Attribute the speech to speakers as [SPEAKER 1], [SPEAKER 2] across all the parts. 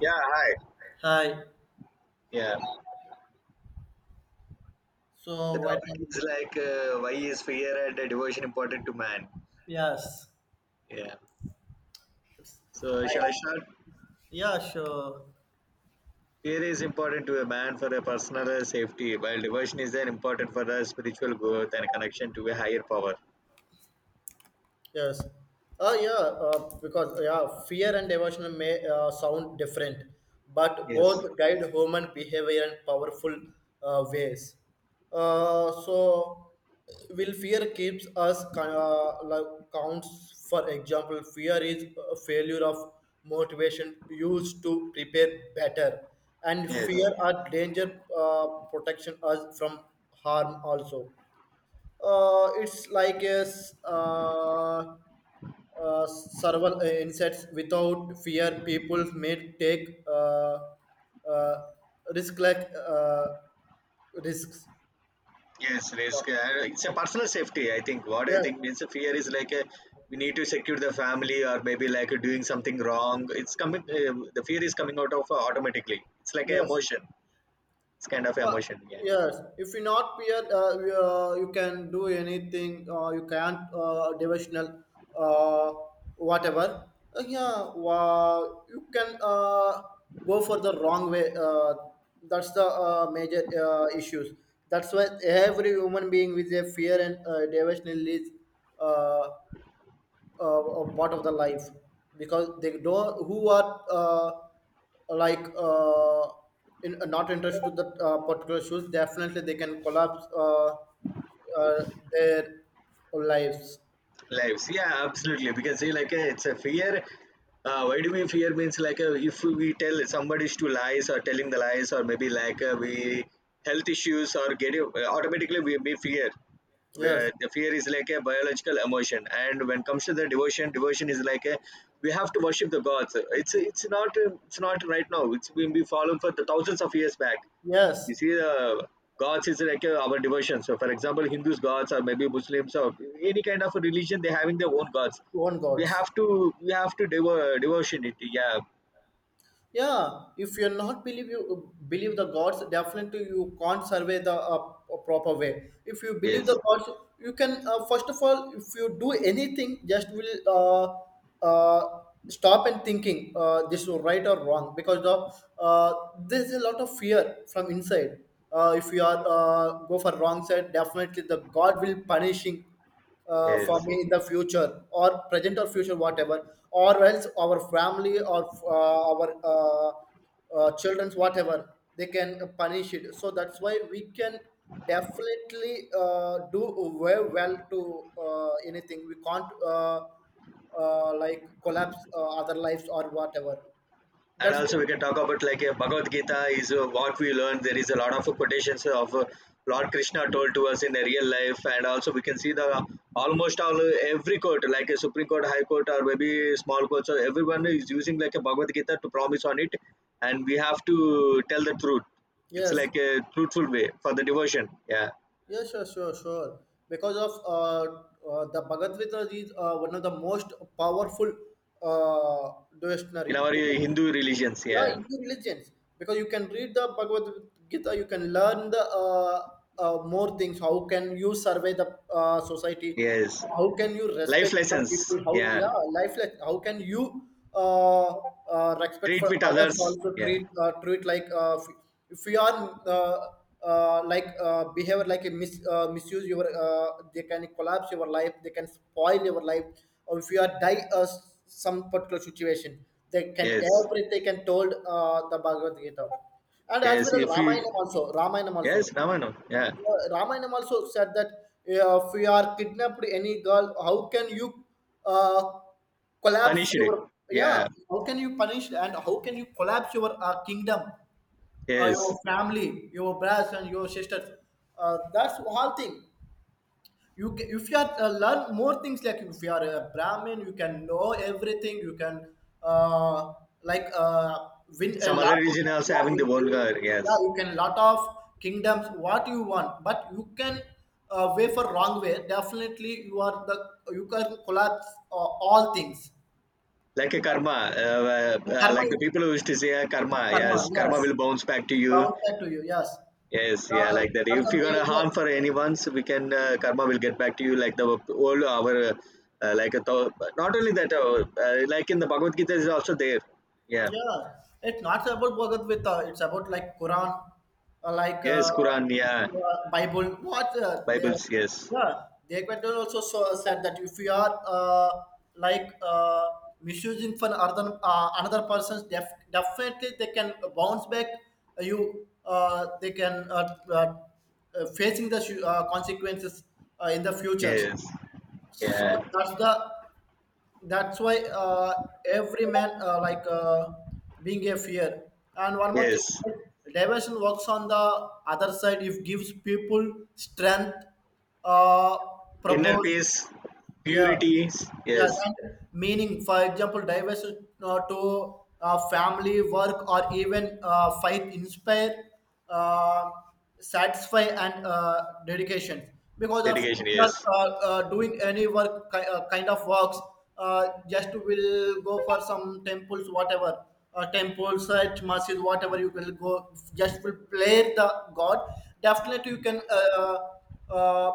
[SPEAKER 1] Yeah, hi.
[SPEAKER 2] Hi.
[SPEAKER 1] Yeah. The
[SPEAKER 2] So right
[SPEAKER 1] topic is
[SPEAKER 2] now,
[SPEAKER 1] like, why is fear and devotion important to man?
[SPEAKER 2] yes.
[SPEAKER 1] Yeah. So shall
[SPEAKER 2] I
[SPEAKER 1] I start?
[SPEAKER 2] yeah, sure.
[SPEAKER 1] Fear is important to a man for a personal, safety, while devotion is then important for the spiritual growth and connection to a higher power.
[SPEAKER 2] Yes. Yeah, because fear and devotion may sound different, but
[SPEAKER 1] Yes.
[SPEAKER 2] both guide human behavior in powerful ways. Uh, so, will fear keeps us like counts? For example, fear is a failure of motivation used to prepare better, and
[SPEAKER 1] Yes.
[SPEAKER 2] fear or danger protection us from harm also. It's like several insects without fear people may take uh, risk like uh, risks.
[SPEAKER 1] Yes, risk. It's a personal safety. I think what I
[SPEAKER 2] yeah
[SPEAKER 1] think means a fear is like a, we need to secure the family or maybe like doing something wrong. It's coming. The fear is coming out of, automatically. It's like an
[SPEAKER 2] yes
[SPEAKER 1] emotion. It's kind of
[SPEAKER 2] Uh,
[SPEAKER 1] emotion. Yeah.
[SPEAKER 2] Yes, if you not peer, you can do anything. You can't devotional, uh, whatever. Yeah, wow, you can go for the wrong way. That's the major issues. That's why every human being with a fear and devotional is uh, of part of the life because they don't who are like uh, in, not interested to the particular shoes, definitely they can collapse uh, their lives.
[SPEAKER 1] Lives, yeah, absolutely, because see like, it's a fear. Why do we fear means like, if we tell somebody to lies or telling the lies, or maybe like, we health issues or automatically we fear,
[SPEAKER 2] yes
[SPEAKER 1] where the fear is like a biological emotion. And when it comes to the devotion is like a, we have to worship the gods. It's not, it's not right now, it's been be followed for the thousands of years back.
[SPEAKER 2] yes
[SPEAKER 1] You see, the gods is like, our devotion. So for example, Hindus gods or maybe Muslims or any kind of a religion, they having their own gods.
[SPEAKER 2] One
[SPEAKER 1] We
[SPEAKER 2] gods.
[SPEAKER 1] have to we have to devo- devotion it. Yeah.
[SPEAKER 2] Yeah, if you're not believe, you believe the gods, definitely you can't survey the proper way. If you believe
[SPEAKER 1] Yes.
[SPEAKER 2] the gods, you can first of all, if you do anything, just will stop and thinking, this is right or wrong, because there's a lot of fear from inside. If you are go for wrong side, definitely the God will punishing
[SPEAKER 1] Yes.
[SPEAKER 2] for me in the future or present or future, whatever, or else our family or our children's, whatever, they can punish it. So that's why we can definitely do very well. To anything, we can't collapse other lives or whatever.
[SPEAKER 1] And
[SPEAKER 2] that's the,
[SPEAKER 1] also we can talk about like a Bhagavad Gita is, what we learn. There is a lot of quotations of, Lord Krishna told to us in the real life. And also we can see the almost all, every court like a Supreme Court, High Court, or maybe small court. So everyone is using like a Bhagavad Gita to promise on it, and we have to tell the truth. It's
[SPEAKER 2] yes
[SPEAKER 1] like a truthful way for the devotion. Yeah,
[SPEAKER 2] Yeah, sure, sure, sure. Because of the Bhagavad Gita is one of the most powerful uh,
[SPEAKER 1] in
[SPEAKER 2] devotionary.
[SPEAKER 1] our,
[SPEAKER 2] Because
[SPEAKER 1] Hindu religions.
[SPEAKER 2] yeah,
[SPEAKER 1] Yeah,
[SPEAKER 2] Hindu religions, because you can read the Bhagavad Gita, you can learn the more things. How can you survey the society?
[SPEAKER 1] yes,
[SPEAKER 2] How can you
[SPEAKER 1] life
[SPEAKER 2] respect the
[SPEAKER 1] lessons.
[SPEAKER 2] people? How,
[SPEAKER 1] Yeah,
[SPEAKER 2] yeah, life, like how can you respect
[SPEAKER 1] treat
[SPEAKER 2] for
[SPEAKER 1] with
[SPEAKER 2] others?
[SPEAKER 1] others.
[SPEAKER 2] Also
[SPEAKER 1] Yeah,
[SPEAKER 2] treat, if you are like behavior like a misuse your, they can collapse your life, they can spoil your life. Or if you are die, some particular situation, they can
[SPEAKER 1] yes.
[SPEAKER 2] every, they can told the Bhagavad Gita, and as
[SPEAKER 1] Yes,
[SPEAKER 2] well as
[SPEAKER 1] if you.
[SPEAKER 2] Ramayana also. Ramayana
[SPEAKER 1] Yes,
[SPEAKER 2] also.
[SPEAKER 1] Navano. Yeah.
[SPEAKER 2] Ramayana also said that, if you are kidnapped any girl, how can you uh, collapse
[SPEAKER 1] Punished it.
[SPEAKER 2] your, yeah?
[SPEAKER 1] Yeah.
[SPEAKER 2] How can you punish, and how can you collapse your kingdom,
[SPEAKER 1] Yes.
[SPEAKER 2] your family, your brothers and your sisters? That's one thing. You ca If you are learn more things, like if you are a brahmin, you can know everything, you can uh, like uh, win a
[SPEAKER 1] Some other
[SPEAKER 2] lot of,
[SPEAKER 1] region also
[SPEAKER 2] yeah
[SPEAKER 1] having
[SPEAKER 2] you,
[SPEAKER 1] the one
[SPEAKER 2] you-
[SPEAKER 1] girl.
[SPEAKER 2] yeah,
[SPEAKER 1] Yes.
[SPEAKER 2] you can lot of kingdoms what you want, but you can way for wrong way, definitely you are the, you can collapse all things.
[SPEAKER 1] Like a karma.
[SPEAKER 2] karma
[SPEAKER 1] Like the
[SPEAKER 2] is-
[SPEAKER 1] people who used to say, karma.
[SPEAKER 2] Karma,
[SPEAKER 1] Yes.
[SPEAKER 2] yes,
[SPEAKER 1] Karma will bounce back to you.
[SPEAKER 2] bound back to you, yes.
[SPEAKER 1] Yes. Yeah.
[SPEAKER 2] uh,
[SPEAKER 1] Like that.
[SPEAKER 2] that's
[SPEAKER 1] If
[SPEAKER 2] a
[SPEAKER 1] you're going to
[SPEAKER 2] major.
[SPEAKER 1] harm for anyone, so we can, karma will get back to you. Like the old, our, like a, not only that, like in the Bhagavad Gita is also there. Yeah.
[SPEAKER 2] Yeah, it's not about Bhagat Gita. It's about like Quran, uh, like uh,
[SPEAKER 1] Yes. Quran. Yeah.
[SPEAKER 2] Bible.
[SPEAKER 1] Bibles. Yes.
[SPEAKER 2] Yeah, they quite well also, so said that if you are like uh, misusing for other, another person's, definitely they can bounce back you. They can facing the consequences in the future.
[SPEAKER 1] Yes.
[SPEAKER 2] So
[SPEAKER 1] Yeah.
[SPEAKER 2] that's the, that's why, every man, being a fear, and one more thing,
[SPEAKER 1] Yes.
[SPEAKER 2] diversion works on the other side, if gives people strength, uh
[SPEAKER 1] Inner
[SPEAKER 2] propose,
[SPEAKER 1] peace,
[SPEAKER 2] yeah.
[SPEAKER 1] purity,
[SPEAKER 2] Yes,
[SPEAKER 1] yes.
[SPEAKER 2] and meaning, for example, diversity to family, work, or even faith inspire, uh, satisfy, and dedication. Because of
[SPEAKER 1] Dedication,
[SPEAKER 2] uh,
[SPEAKER 1] yes.
[SPEAKER 2] doing any work, kind of works, just will go for some temples, whatever, temples, church, masjid, whatever you will go, just will play the God. Definitely, you can uh,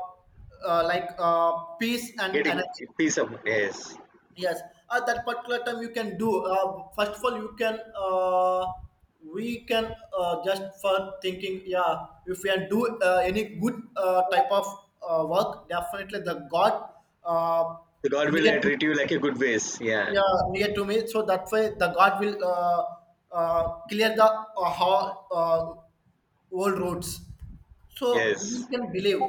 [SPEAKER 2] uh, like uh, peace and
[SPEAKER 1] Getting
[SPEAKER 2] energy.
[SPEAKER 1] peace of, yes.
[SPEAKER 2] Yes, at that particular time you can do. First of all, you can, we can just for thinking. Yeah, if we can do any good type of work, definitely the God uh,
[SPEAKER 1] The God will,
[SPEAKER 2] near to,
[SPEAKER 1] treat you like a good ways, yeah.
[SPEAKER 2] yeah, near to me. So that way the God will clear the old roads. So we
[SPEAKER 1] Yes,
[SPEAKER 2] can believe,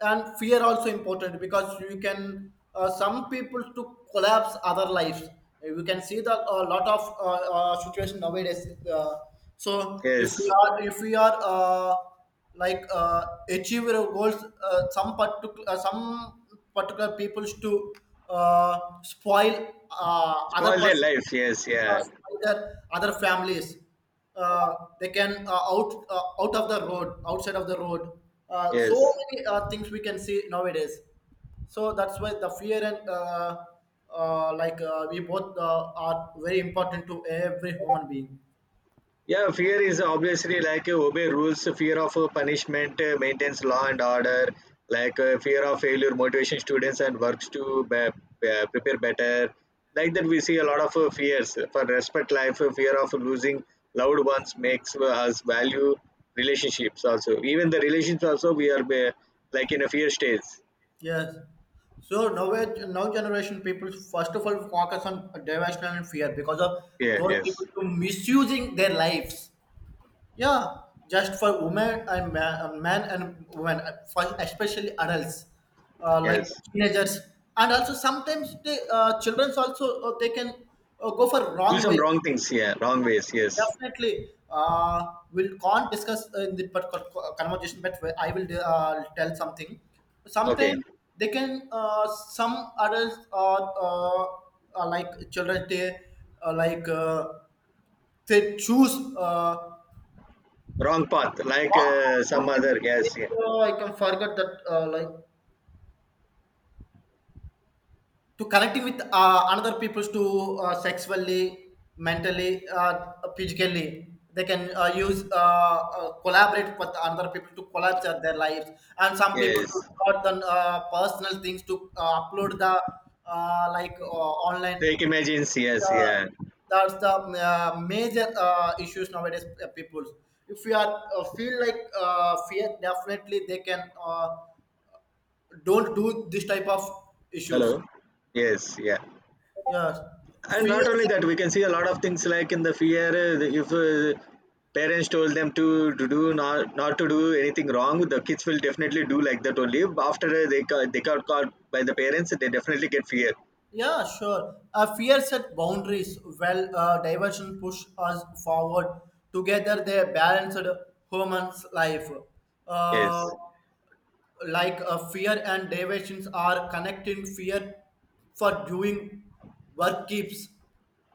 [SPEAKER 2] and fear also important, because you can some people to collapse other lives. You can see the a lot of situation nowadays, so if we
[SPEAKER 1] yes.
[SPEAKER 2] are, if we are achieve our goals, some particular, some particular peoples to spoil other
[SPEAKER 1] Spoil their
[SPEAKER 2] person
[SPEAKER 1] life, yes, yeah.
[SPEAKER 2] by their other families. They can out of the road, outside of the road. So
[SPEAKER 1] Yes.
[SPEAKER 2] many things we can see nowadays. So that's why the fear and we both are very important to every human being.
[SPEAKER 1] Yeah, fear is obviously like, obey rules, fear of, punishment, maintains law and order, like, fear of failure motivation students and works to be, prepare better. Like that, we see a lot of, fears for respect life, fear of losing loved ones makes, us value relationships also. Even the relations also, we are be, like in a fear stage.
[SPEAKER 2] Yes. So now, now generation people first of all focus on devotion and fear, because of
[SPEAKER 1] Yeah,
[SPEAKER 2] those
[SPEAKER 1] yes,
[SPEAKER 2] people to misusing their lives. Yeah, just for women and man, man and women, for especially adults, like
[SPEAKER 1] yes.
[SPEAKER 2] teenagers, and also sometimes the childrens also, they can go for
[SPEAKER 1] Do
[SPEAKER 2] wrong
[SPEAKER 1] some
[SPEAKER 2] way.
[SPEAKER 1] wrong things, yeah, wrong ways, yes.
[SPEAKER 2] Definitely, we can't discuss in the particular conversation, but I will tell something.
[SPEAKER 1] Okay,
[SPEAKER 2] Sometimes they can, some adults or children, they uh, like uh, they choose. Uh,
[SPEAKER 1] wrong path, like,
[SPEAKER 2] long
[SPEAKER 1] some
[SPEAKER 2] long time is
[SPEAKER 1] other,
[SPEAKER 2] like,
[SPEAKER 1] yes, yeah,
[SPEAKER 2] I can forget that, like to connecting with another people to sexually, mentally, physically. They can use collaborate with other people to collaborate their lives, and some people to
[SPEAKER 1] yes.
[SPEAKER 2] record their personal things to upload the online.
[SPEAKER 1] Fake images, yes,
[SPEAKER 2] Uh,
[SPEAKER 1] yeah.
[SPEAKER 2] that's the major issues nowadays. People, if you are feel like fear, definitely they can. Don't do this type of issues.
[SPEAKER 1] Hello. Yes, yeah.
[SPEAKER 2] Yeah,
[SPEAKER 1] And not
[SPEAKER 2] Fear
[SPEAKER 1] only
[SPEAKER 2] set,
[SPEAKER 1] that, we can see a lot of things like in the fear. If, parents told them to, do not to do anything wrong, the kids will definitely do like that only. After, they they got caught by the parents, they definitely get fear.
[SPEAKER 2] yeah, sure. A fear set boundaries. Well, diversion push us forward. Together, they balanced humans' life. Uh,
[SPEAKER 1] Yes,
[SPEAKER 2] like, fear and diversions are connecting fear for doing work keeps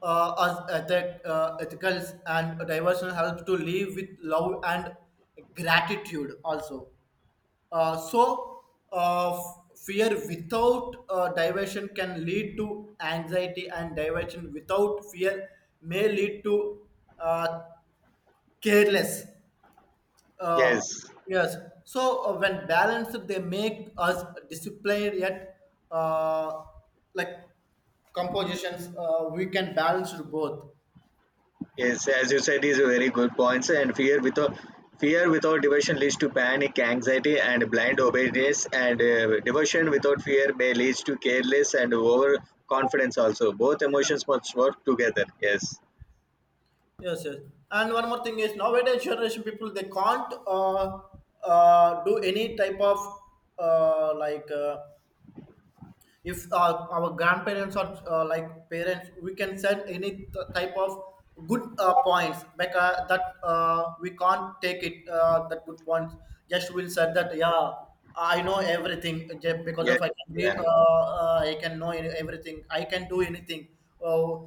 [SPEAKER 2] us ethic, ethicals, and diversion helps to live with love and gratitude also. So, uh, f- fear without diversion can lead to anxiety, and diversion without fear may lead to uh, careless. Uh,
[SPEAKER 1] yes.
[SPEAKER 2] yes. So, when balanced, they make us disciplined, yet, uh, like compositions. We can balance both.
[SPEAKER 1] Yes, as you said, these are very good points. And fear without devotion leads to panic, anxiety, and blind obedience. And, devotion without fear may lead to careless and overconfidence. Also, both emotions must work together. Yes,
[SPEAKER 2] Yes, yes. And one more thing is nowadays generation people they can't do any type of uh, like uh, if, our grandparents or parents we can send any type of good points, like, that, we can't take it, that good points, just will said that, yeah, I know everything. Because
[SPEAKER 1] yes,
[SPEAKER 2] of I can read,
[SPEAKER 1] yeah.
[SPEAKER 2] I can know any, everything, I can do anything, uh,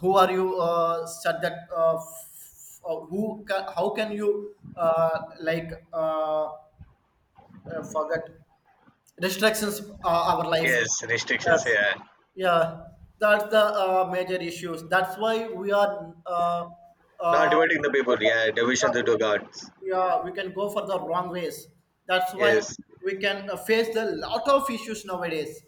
[SPEAKER 2] who are you, said that, how can you forget restrictions our life.
[SPEAKER 1] Yes. Restrictions.
[SPEAKER 2] Yes,
[SPEAKER 1] Yeah,
[SPEAKER 2] yeah. That's the major issues. That's why we are
[SPEAKER 1] not
[SPEAKER 2] uh,
[SPEAKER 1] devoting the
[SPEAKER 2] go
[SPEAKER 1] people.
[SPEAKER 2] for-
[SPEAKER 1] Yeah, devotion
[SPEAKER 2] yeah,
[SPEAKER 1] to
[SPEAKER 2] we
[SPEAKER 1] gods.
[SPEAKER 2] can, yeah, we can go for the wrong ways. That's why
[SPEAKER 1] Yes.
[SPEAKER 2] we can face a lot of issues nowadays,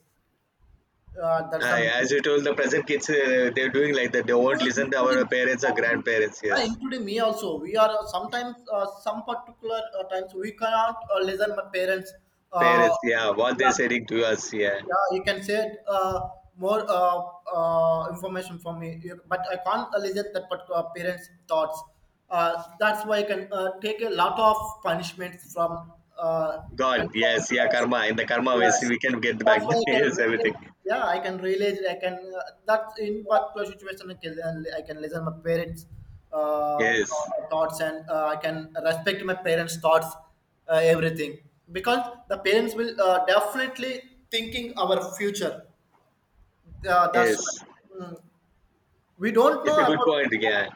[SPEAKER 2] there's some
[SPEAKER 1] Aye, as you told, the present kids, they're doing like that. They won't listen to our
[SPEAKER 2] including,
[SPEAKER 1] parents or grandparents.
[SPEAKER 2] yeah,
[SPEAKER 1] Yes,
[SPEAKER 2] including me also. We are, sometimes, some particular, times we cannot listen my parents. Uh,
[SPEAKER 1] parents. Yeah, what
[SPEAKER 2] yeah,
[SPEAKER 1] they're saying to us. Yeah.
[SPEAKER 2] Yeah, you can say uh, more information for me, but I can't elicit that particular parents' thoughts. That's why I can take a lot of punishments from, uh,
[SPEAKER 1] God,
[SPEAKER 2] and
[SPEAKER 1] yes, yeah, karma. In the karma ways,
[SPEAKER 2] yes,
[SPEAKER 1] we can get back.
[SPEAKER 2] that's why I can
[SPEAKER 1] Yes, everything.
[SPEAKER 2] relate. Yeah, I can relate. I can, that's in particular situation. I can, I can listen my parents' uh,
[SPEAKER 1] Yes,
[SPEAKER 2] thoughts, and I can respect my parents' thoughts, everything, because the parents will, definitely thinking our future. That's
[SPEAKER 1] yes.
[SPEAKER 2] why. Mm, we don't
[SPEAKER 1] It's
[SPEAKER 2] know
[SPEAKER 1] a good
[SPEAKER 2] about,
[SPEAKER 1] point. Yeah,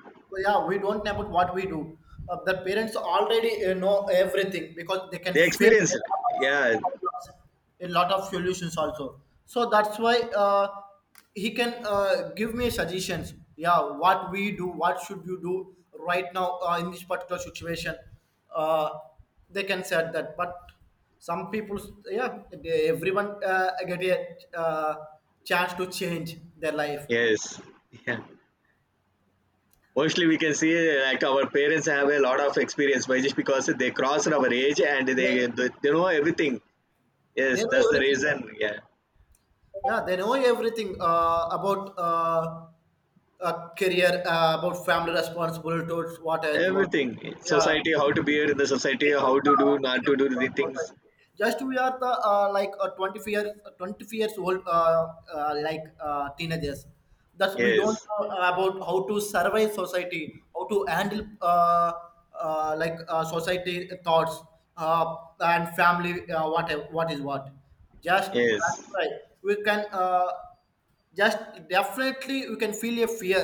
[SPEAKER 2] yeah, we don't know about what we do. Uh, the parents already, know everything, because they can
[SPEAKER 1] they
[SPEAKER 2] face
[SPEAKER 1] experience
[SPEAKER 2] a
[SPEAKER 1] it.
[SPEAKER 2] lot of
[SPEAKER 1] Yeah,
[SPEAKER 2] problems, a lot of solutions also. So that's why, he can give me suggestions, yeah, what we do, what should you do right now, in this particular situation, uh, they can say that. But some people, yeah, they, everyone, get a, chance to change their life.
[SPEAKER 1] yes, yeah. Mostly, we can see like our parents have a lot of experience, but just because they crossed our age and
[SPEAKER 2] Like,
[SPEAKER 1] they know everything.
[SPEAKER 2] they
[SPEAKER 1] Yes, that's
[SPEAKER 2] know
[SPEAKER 1] the
[SPEAKER 2] everything,
[SPEAKER 1] reason. Yeah,
[SPEAKER 2] yeah, they know everything, about career, about family responsibility towards what else what,
[SPEAKER 1] everything.
[SPEAKER 2] yeah,
[SPEAKER 1] Society, how to behave in the society, how to do, not to do the things.
[SPEAKER 2] just we are the 20 years old, teenagers, that we don't
[SPEAKER 1] Yes,
[SPEAKER 2] know about how to survive society, how to handle society thoughts, uh, and family, what is what, just
[SPEAKER 1] yes.
[SPEAKER 2] that's right, we can, just definitely we can feel a fear,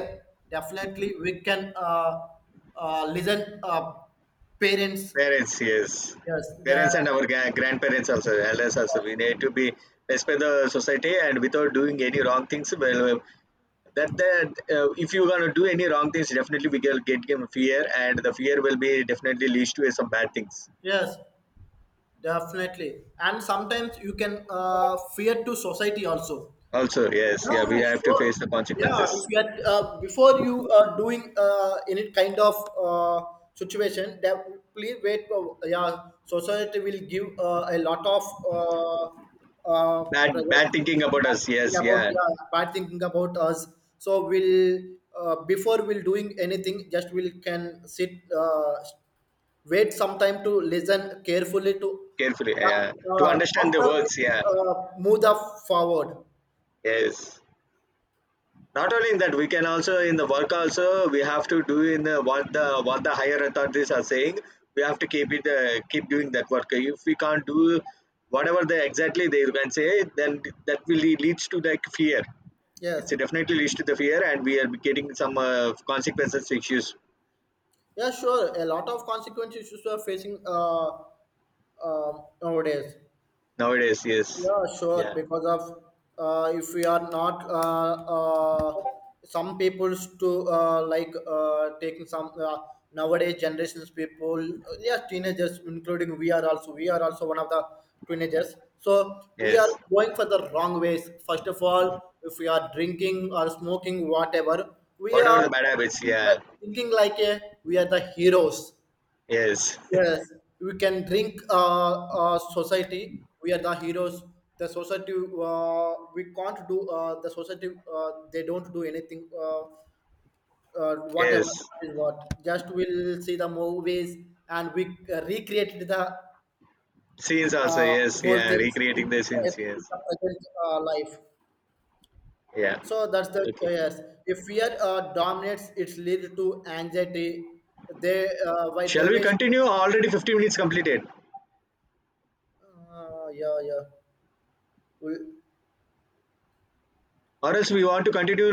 [SPEAKER 2] definitely we can listen, parents.
[SPEAKER 1] Parents, yes.
[SPEAKER 2] Yes, the,
[SPEAKER 1] Parents and our grandparents also, elders also.
[SPEAKER 2] yes,
[SPEAKER 1] We need to be respect the society and without doing any wrong things. Well, that if you gonna do any wrong things, definitely we will get given fear, and the fear will be definitely leads to some bad things.
[SPEAKER 2] yes, definitely. And sometimes you can fear to society also.
[SPEAKER 1] Also, yes, yeah,
[SPEAKER 2] Yeah,
[SPEAKER 1] we have to
[SPEAKER 2] sure.
[SPEAKER 1] face the
[SPEAKER 2] Yeah,
[SPEAKER 1] consequences.
[SPEAKER 2] if you are before you are doing any kind of uh, situation, that please wait. For, yeah, society will give a lot of uh, uh,
[SPEAKER 1] Bad
[SPEAKER 2] pressure.
[SPEAKER 1] bad thinking about us,
[SPEAKER 2] Bad thinking
[SPEAKER 1] yes,
[SPEAKER 2] about,
[SPEAKER 1] yeah,
[SPEAKER 2] yeah, bad thinking about us. So we'll, before we'll doing anything, just we'll can sit, wait some time to listen carefully to,
[SPEAKER 1] carefully,
[SPEAKER 2] yeah,
[SPEAKER 1] yeah. To understand the
[SPEAKER 2] after we
[SPEAKER 1] words, yeah,
[SPEAKER 2] uh, move the forward.
[SPEAKER 1] yes. Not only in that, we can also in the work also, we have to do in the what the what the higher authorities are saying. We have to keep it, keep doing that work. If we can't do whatever they exactly they can say, then that will leads to like fear. It's
[SPEAKER 2] Yes.
[SPEAKER 1] definitely leads to the fear, and we are getting some, consequences issues
[SPEAKER 2] Yeah, sure. A lot of consequence issues are facing uh, nowadays.
[SPEAKER 1] nowadays. Yes,
[SPEAKER 2] Yeah, sure.
[SPEAKER 1] yeah,
[SPEAKER 2] Because of if we are not uh, some people's to taking some nowadays generations people. Yeah, teenagers, including we are also, we are also one of the teenagers. So we are
[SPEAKER 1] yes,
[SPEAKER 2] going for the wrong ways. First of all, if we are drinking or smoking, whatever, we
[SPEAKER 1] whatever
[SPEAKER 2] are
[SPEAKER 1] the bad habits,
[SPEAKER 2] thinking,
[SPEAKER 1] yeah,
[SPEAKER 2] thinking like a, we are the heroes.
[SPEAKER 1] yes.
[SPEAKER 2] Yes, we can drink, society. We are the heroes. The society, we can't do. The society, they don't do anything. Whatever
[SPEAKER 1] Yes,
[SPEAKER 2] is what. Just we'll see the movies and we recreated the
[SPEAKER 1] scenes also, yes,
[SPEAKER 2] whole
[SPEAKER 1] yeah,
[SPEAKER 2] thing
[SPEAKER 1] recreating the
[SPEAKER 2] in
[SPEAKER 1] scenes, yes,
[SPEAKER 2] the present life.
[SPEAKER 1] yeah.
[SPEAKER 2] So that's the,
[SPEAKER 1] Okay.
[SPEAKER 2] yes. If fear dominates, it's lead to anxiety. They, by
[SPEAKER 1] Shall we
[SPEAKER 2] Davis.
[SPEAKER 1] continue? Already 15 minutes completed.
[SPEAKER 2] Yeah, yeah. We,
[SPEAKER 1] Or else we want to continue